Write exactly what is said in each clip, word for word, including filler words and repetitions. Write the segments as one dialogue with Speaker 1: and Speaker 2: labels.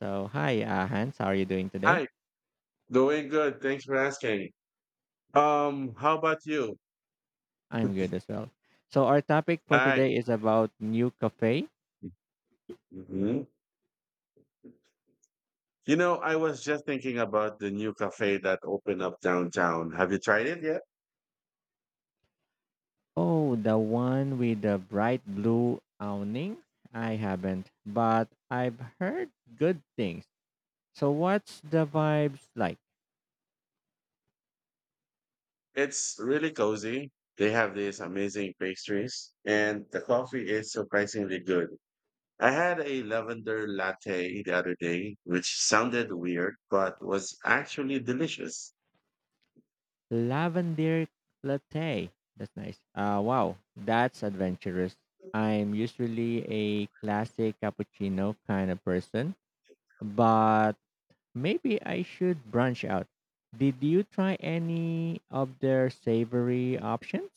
Speaker 1: So, hi, uh, Hans. How are you doing today?
Speaker 2: Hi, doing good. Thanks for asking. Um, how about you?
Speaker 1: I'm good as well. So, our topic
Speaker 2: All
Speaker 1: for
Speaker 2: right.
Speaker 1: today is about new cafe.
Speaker 2: Mm-hmm. You know, I was just thinking about the new cafe that opened up downtown. Have you tried it yet?
Speaker 1: Oh, the one with the bright blue awning? I haven't, but I've heard good things. So, what's the vibes like?
Speaker 2: It's really cozy. They have these amazing pastries, and the coffee is surprisingly good. I had a lavender latte the other day, which sounded weird, but was actually delicious.
Speaker 1: Lavender latte. That's nice. Uh, wow, that's adventurous. I'm usually a classic cappuccino kind of person, but maybe I should branch out. Did you try any of their savory options?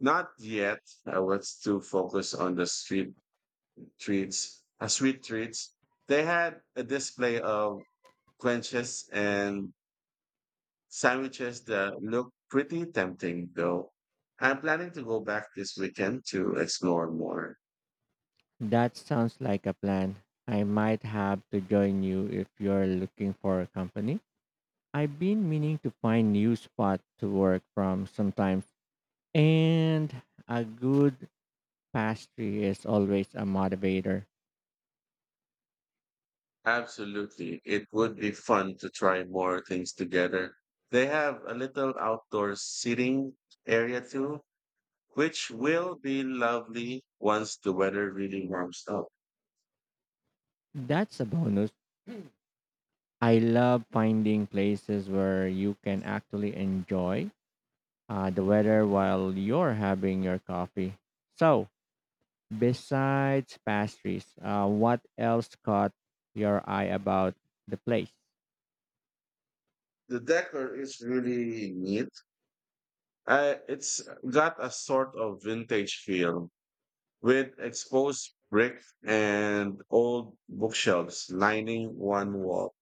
Speaker 2: Not yet. I was too focused on the street treats, uh, sweet treats. They had a display of quenches and sandwiches that look pretty tempting, though. I'm planning to go back this weekend to explore more.
Speaker 1: That sounds like a plan. I might have to join you if you're looking for a company. I've been meaning to find new spot to work from sometimes, and a good pastry is always a motivator.
Speaker 2: Absolutely. It would be fun to try more things together. They have a little outdoor seating area too, which will be lovely once the weather really warms up.
Speaker 1: That's a bonus. I love finding places where you can actually enjoy uh, the weather while you're having your coffee. So, besides pastries, uh, what else caught your eye about the place?
Speaker 2: The decor is really neat. Uh, it's got a sort of vintage feel with exposed brick and old bookshelves lining one wall.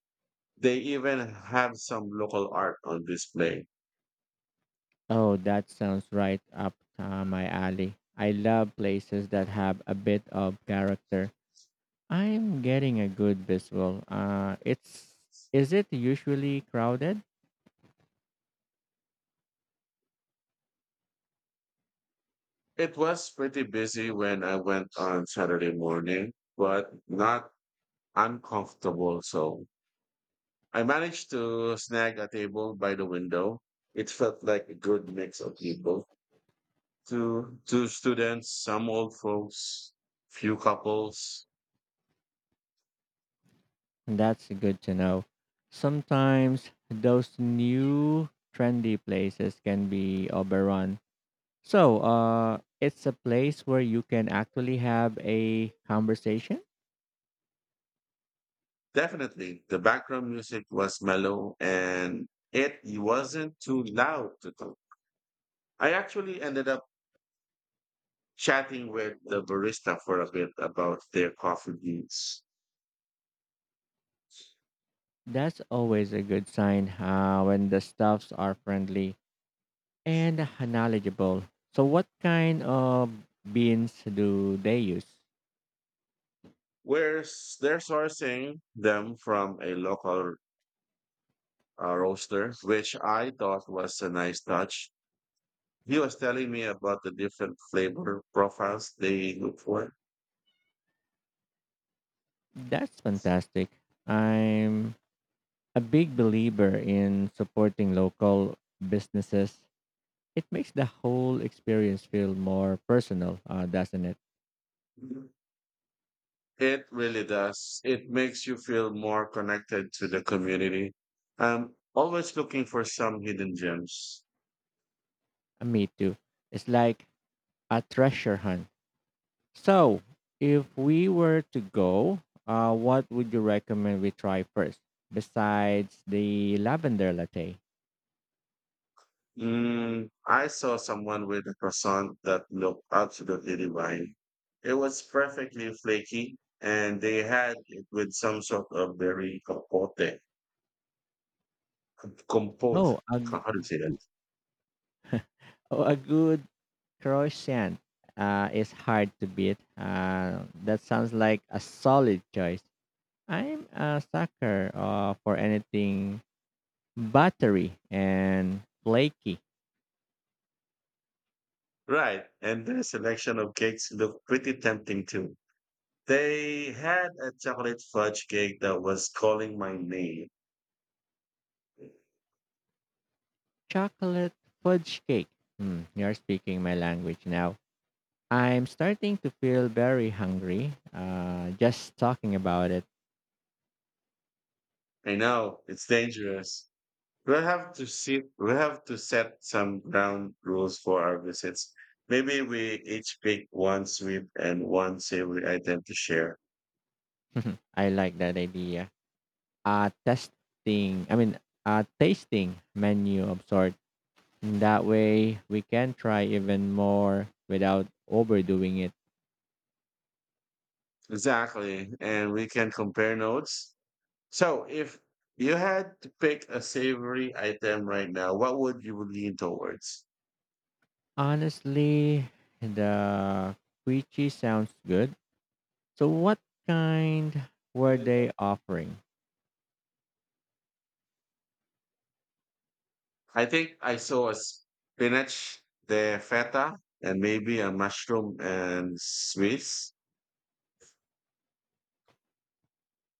Speaker 2: They even have some local art on display.
Speaker 1: Oh, that sounds right up uh, my alley. I love places that have a bit of character. I'm getting a good visual. Uh, it's Is it usually crowded?
Speaker 2: It was pretty busy when I went on Saturday morning, but not uncomfortable. So I managed to snag a table by the window. It felt like a good mix of people. Two, two students, some old folks, few couples.
Speaker 1: That's good to know. Sometimes those new trendy places can be overrun. So, uh, it's a place where you can actually have a conversation.
Speaker 2: Definitely, the background music was mellow and it wasn't too loud to talk. I actually ended up chatting with the barista for a bit about their coffee beans.
Speaker 1: That's always a good sign uh, when the stuffs are friendly and knowledgeable. So, what kind of beans do they use?
Speaker 2: Where's they're sourcing them from a local, uh, roaster, which I thought was a nice touch. He was telling me about the different flavor profiles they look for.
Speaker 1: That's fantastic. I'm a big believer in supporting local businesses. It makes the whole experience feel more personal, uh, doesn't it?
Speaker 2: It really does. It makes you feel more connected to the community. I'm always looking for some hidden gems.
Speaker 1: Uh, me too. It's like a treasure hunt. So, if we were to go, uh, what would you recommend we try first besides the lavender latte?
Speaker 2: Mm, I saw someone with a croissant that looked absolutely divine. It was perfectly flaky, and they had it with some sort of berry compote. Compote.
Speaker 1: Oh, a,
Speaker 2: How do you say that?
Speaker 1: oh, a good croissant uh, is hard to beat. Uh, that sounds like a solid choice. I'm a sucker uh, for anything buttery and flaky.
Speaker 2: Right. And the selection of cakes looked pretty tempting too. They had a chocolate fudge cake that was calling my name.
Speaker 1: Chocolate fudge cake. Hmm, you're speaking my language now. I'm starting to feel very hungry. Uh, just talking about it.
Speaker 2: I know it's dangerous. We'll have to see. We'll have to set some ground rules for our visits. Maybe we each pick one sweet and one savory item to share.
Speaker 1: I like that idea. A testing, I mean, a tasting menu of sort. That way, we can try even more without overdoing it.
Speaker 2: Exactly, and we can compare notes. So, if you had to pick a savory item right now, what would you lean towards?
Speaker 1: Honestly, the quiche sounds good. So, what kind were they offering?
Speaker 2: I think I saw a spinach, the feta, and maybe a mushroom and sweets.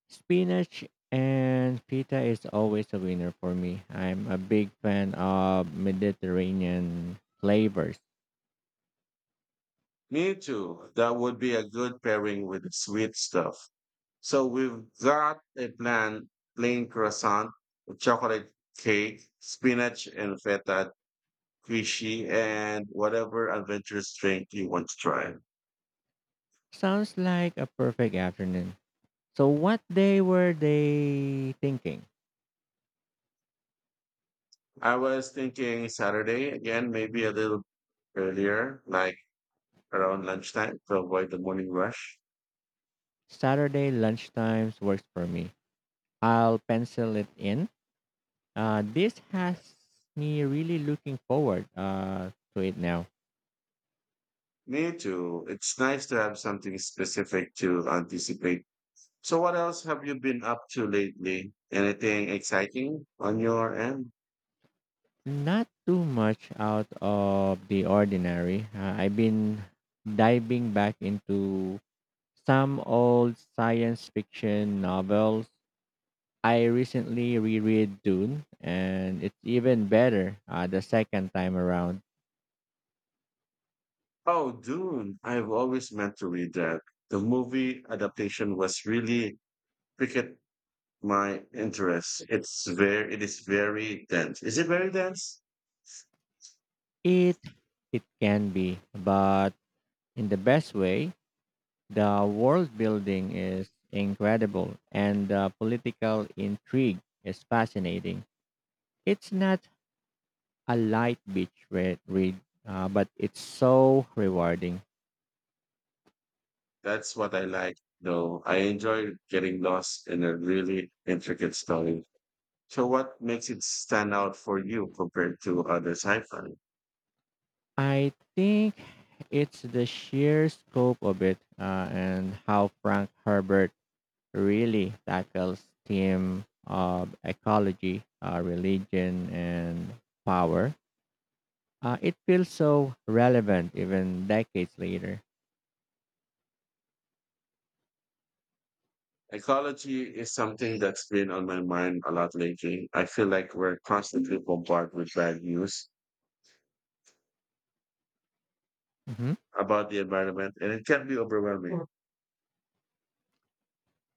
Speaker 1: Spinach and pita is always a winner for me. I'm a big fan of Mediterranean flavors.
Speaker 2: Me too. That would be a good pairing with the sweet stuff. So we've got a plan: plain croissant, chocolate cake, spinach and feta quiche, and whatever adventurous drink you want to try.
Speaker 1: Sounds like a perfect afternoon. So, what day were they thinking?
Speaker 2: I was thinking Saturday again, maybe a little earlier, like around lunchtime to avoid the morning rush.
Speaker 1: Saturday lunchtimes works for me. I'll pencil it in. Uh, this has me really looking forward uh, to it now.
Speaker 2: Me too. It's nice to have something specific to anticipate. So, what else have you been up to lately? Anything exciting on your end?
Speaker 1: Not too much out of the ordinary. Uh, I've been diving back into some old science fiction novels. I recently reread Dune, and it's even better uh, the second time around.
Speaker 2: Oh, Dune. I've always meant to read that. The movie adaptation was really piqued my interest. It's very, it is very dense. Is it very dense?
Speaker 1: It it can be, but in the best way. The world building is incredible, and the political intrigue is fascinating. It's not a light beach read, read uh, but it's so rewarding.
Speaker 2: That's what I like, though. I enjoy getting lost in a really intricate story. So what makes it stand out for you compared to other sci-fi?
Speaker 1: I think it's the sheer scope of it uh, and how Frank Herbert really tackles theme of ecology, uh, religion, and power. Uh, it feels so relevant even decades later.
Speaker 2: Ecology is something that's been on my mind a lot lately. I feel like we're constantly bombarded with bad news
Speaker 1: Mhm.
Speaker 2: about the environment and it can be overwhelming. Mm.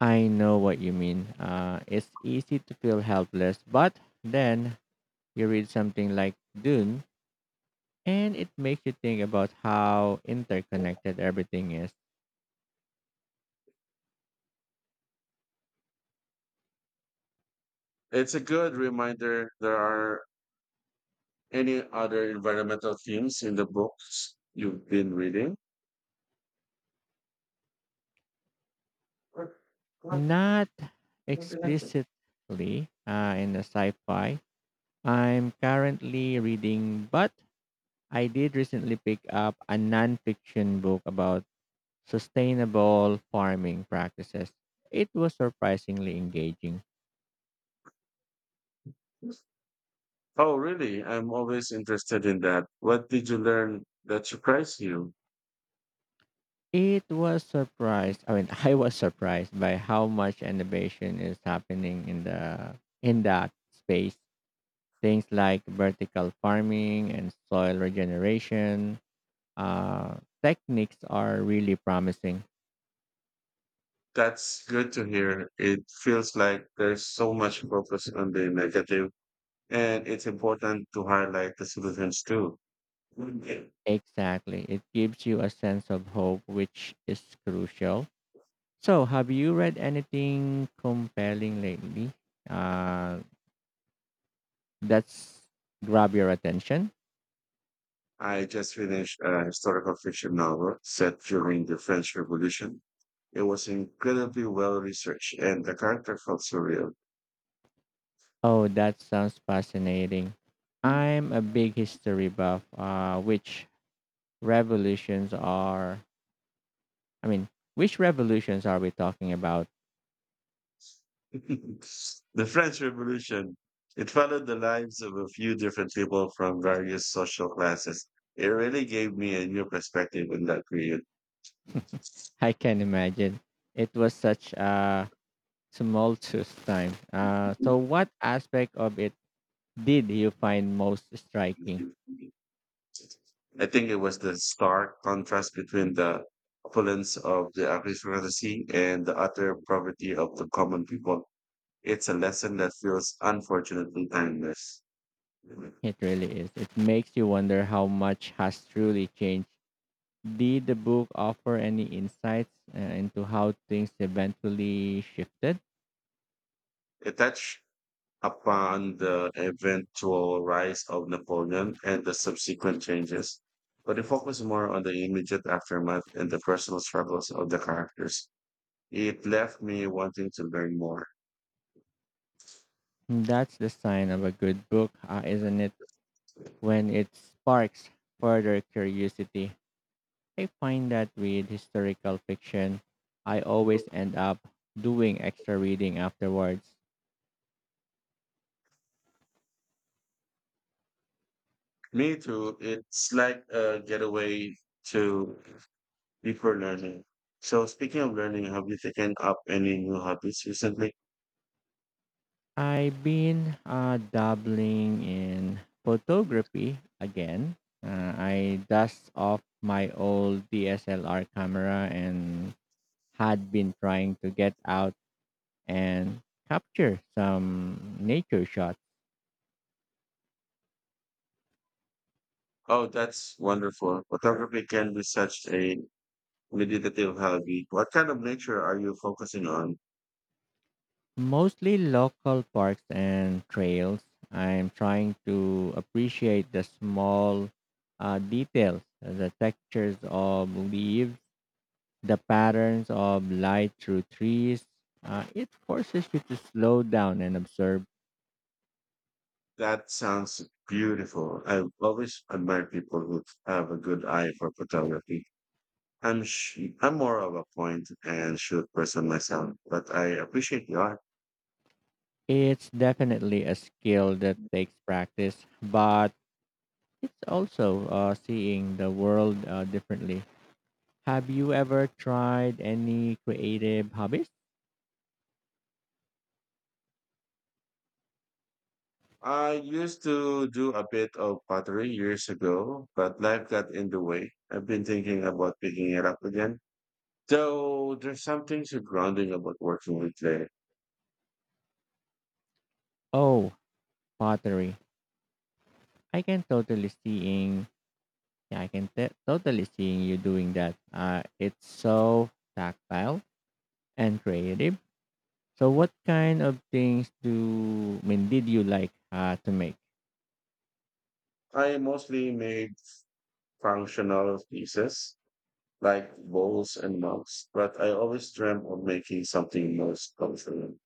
Speaker 1: I know what you mean. Uh, it's easy to feel helpless, but then you read something like Dune, and it makes you think about how interconnected everything is.
Speaker 2: It's a good reminder there are any other environmental themes in the books you've been reading? What- what-
Speaker 1: Not
Speaker 2: what did I say?
Speaker 1: explicitly uh, in the sci-fi I'm currently reading, but I did recently pick up a non-fiction book about sustainable farming practices. It was surprisingly engaging.
Speaker 2: Oh, really? I'm always interested in that. What did you learn that surprised you?
Speaker 1: It was surprised. I mean, I was surprised by how much innovation is happening in the in that space. Things like vertical farming and soil regeneration uh, techniques are really promising.
Speaker 2: That's good to hear. It feels like there's so much focus on the negative, and it's important to highlight the solutions too.
Speaker 1: Exactly. It gives you a sense of hope, which is crucial. So, have you read anything compelling lately uh, that's grab your attention?
Speaker 2: I just finished a historical fiction novel set during the French Revolution. It was incredibly well researched, and the character felt surreal.
Speaker 1: Oh, that sounds fascinating. I'm a big history buff. Uh, which revolutions are, I mean, which revolutions are we talking about?
Speaker 2: The French Revolution. It followed the lives of a few different people from various social classes. It really gave me a new perspective in that period.
Speaker 1: I can imagine. It was such a tumultuous time. Uh, so, what aspect of it did you find most striking?
Speaker 2: I think it was the stark contrast between the opulence of the aristocracy and the utter poverty of the common people. It's a lesson that feels unfortunately timeless.
Speaker 1: It really is. It makes you wonder how much has truly changed. Did the book offer any insights uh, into how things eventually shifted?
Speaker 2: It touched upon the eventual rise of Napoleon and the subsequent changes, but it focused more on the immediate aftermath and the personal struggles of the characters. It left me wanting to learn more.
Speaker 1: That's the sign of a good book, uh, isn't it? When it sparks further curiosity. I find that with historical fiction, I always end up doing extra reading afterwards.
Speaker 2: Me too. It's like a getaway to before learning. So speaking of learning, have you taken up any new hobbies recently?
Speaker 1: I've been uh, dabbling in photography again. Uh, I dust off my old D S L R camera and had been trying to get out and capture some nature shots,
Speaker 2: Oh, that's wonderful. Photography can be such a meditative hobby. What kind of nature are you focusing on?
Speaker 1: mostly local parks and trails. I'm trying to appreciate the small uh, details, the textures of leaves the patterns of light through trees. Uh, it forces you to slow down and observe.
Speaker 2: That sounds beautiful. I've always admired people who have a good eye for photography. I'm sh- I'm more of a point and shoot person myself, but I appreciate the art.
Speaker 1: It's definitely a skill that takes practice, but it's also uh, seeing the world uh, differently. Have you ever tried any creative hobbies?
Speaker 2: I used to do a bit of pottery years ago, but life got in the way. I've been thinking about picking it up again. Though there's something so grounding about working with clay.
Speaker 1: Oh, pottery. I can totally seeing. Yeah, I can t- totally seeing you doing that. Uh, it's so tactile and creative. So what kind of things do I mean did you like uh, to make?
Speaker 2: I mostly made functional pieces, like bowls and mugs, but I always dream of making something most comfortable.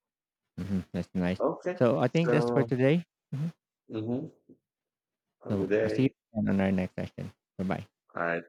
Speaker 1: Hmm. That's nice.
Speaker 2: Okay,
Speaker 1: So I think that's for
Speaker 2: so
Speaker 1: today. Hmm.
Speaker 2: mm-hmm, of the
Speaker 1: So I'll see you
Speaker 2: day,
Speaker 1: again on our next session. Bye bye.
Speaker 2: I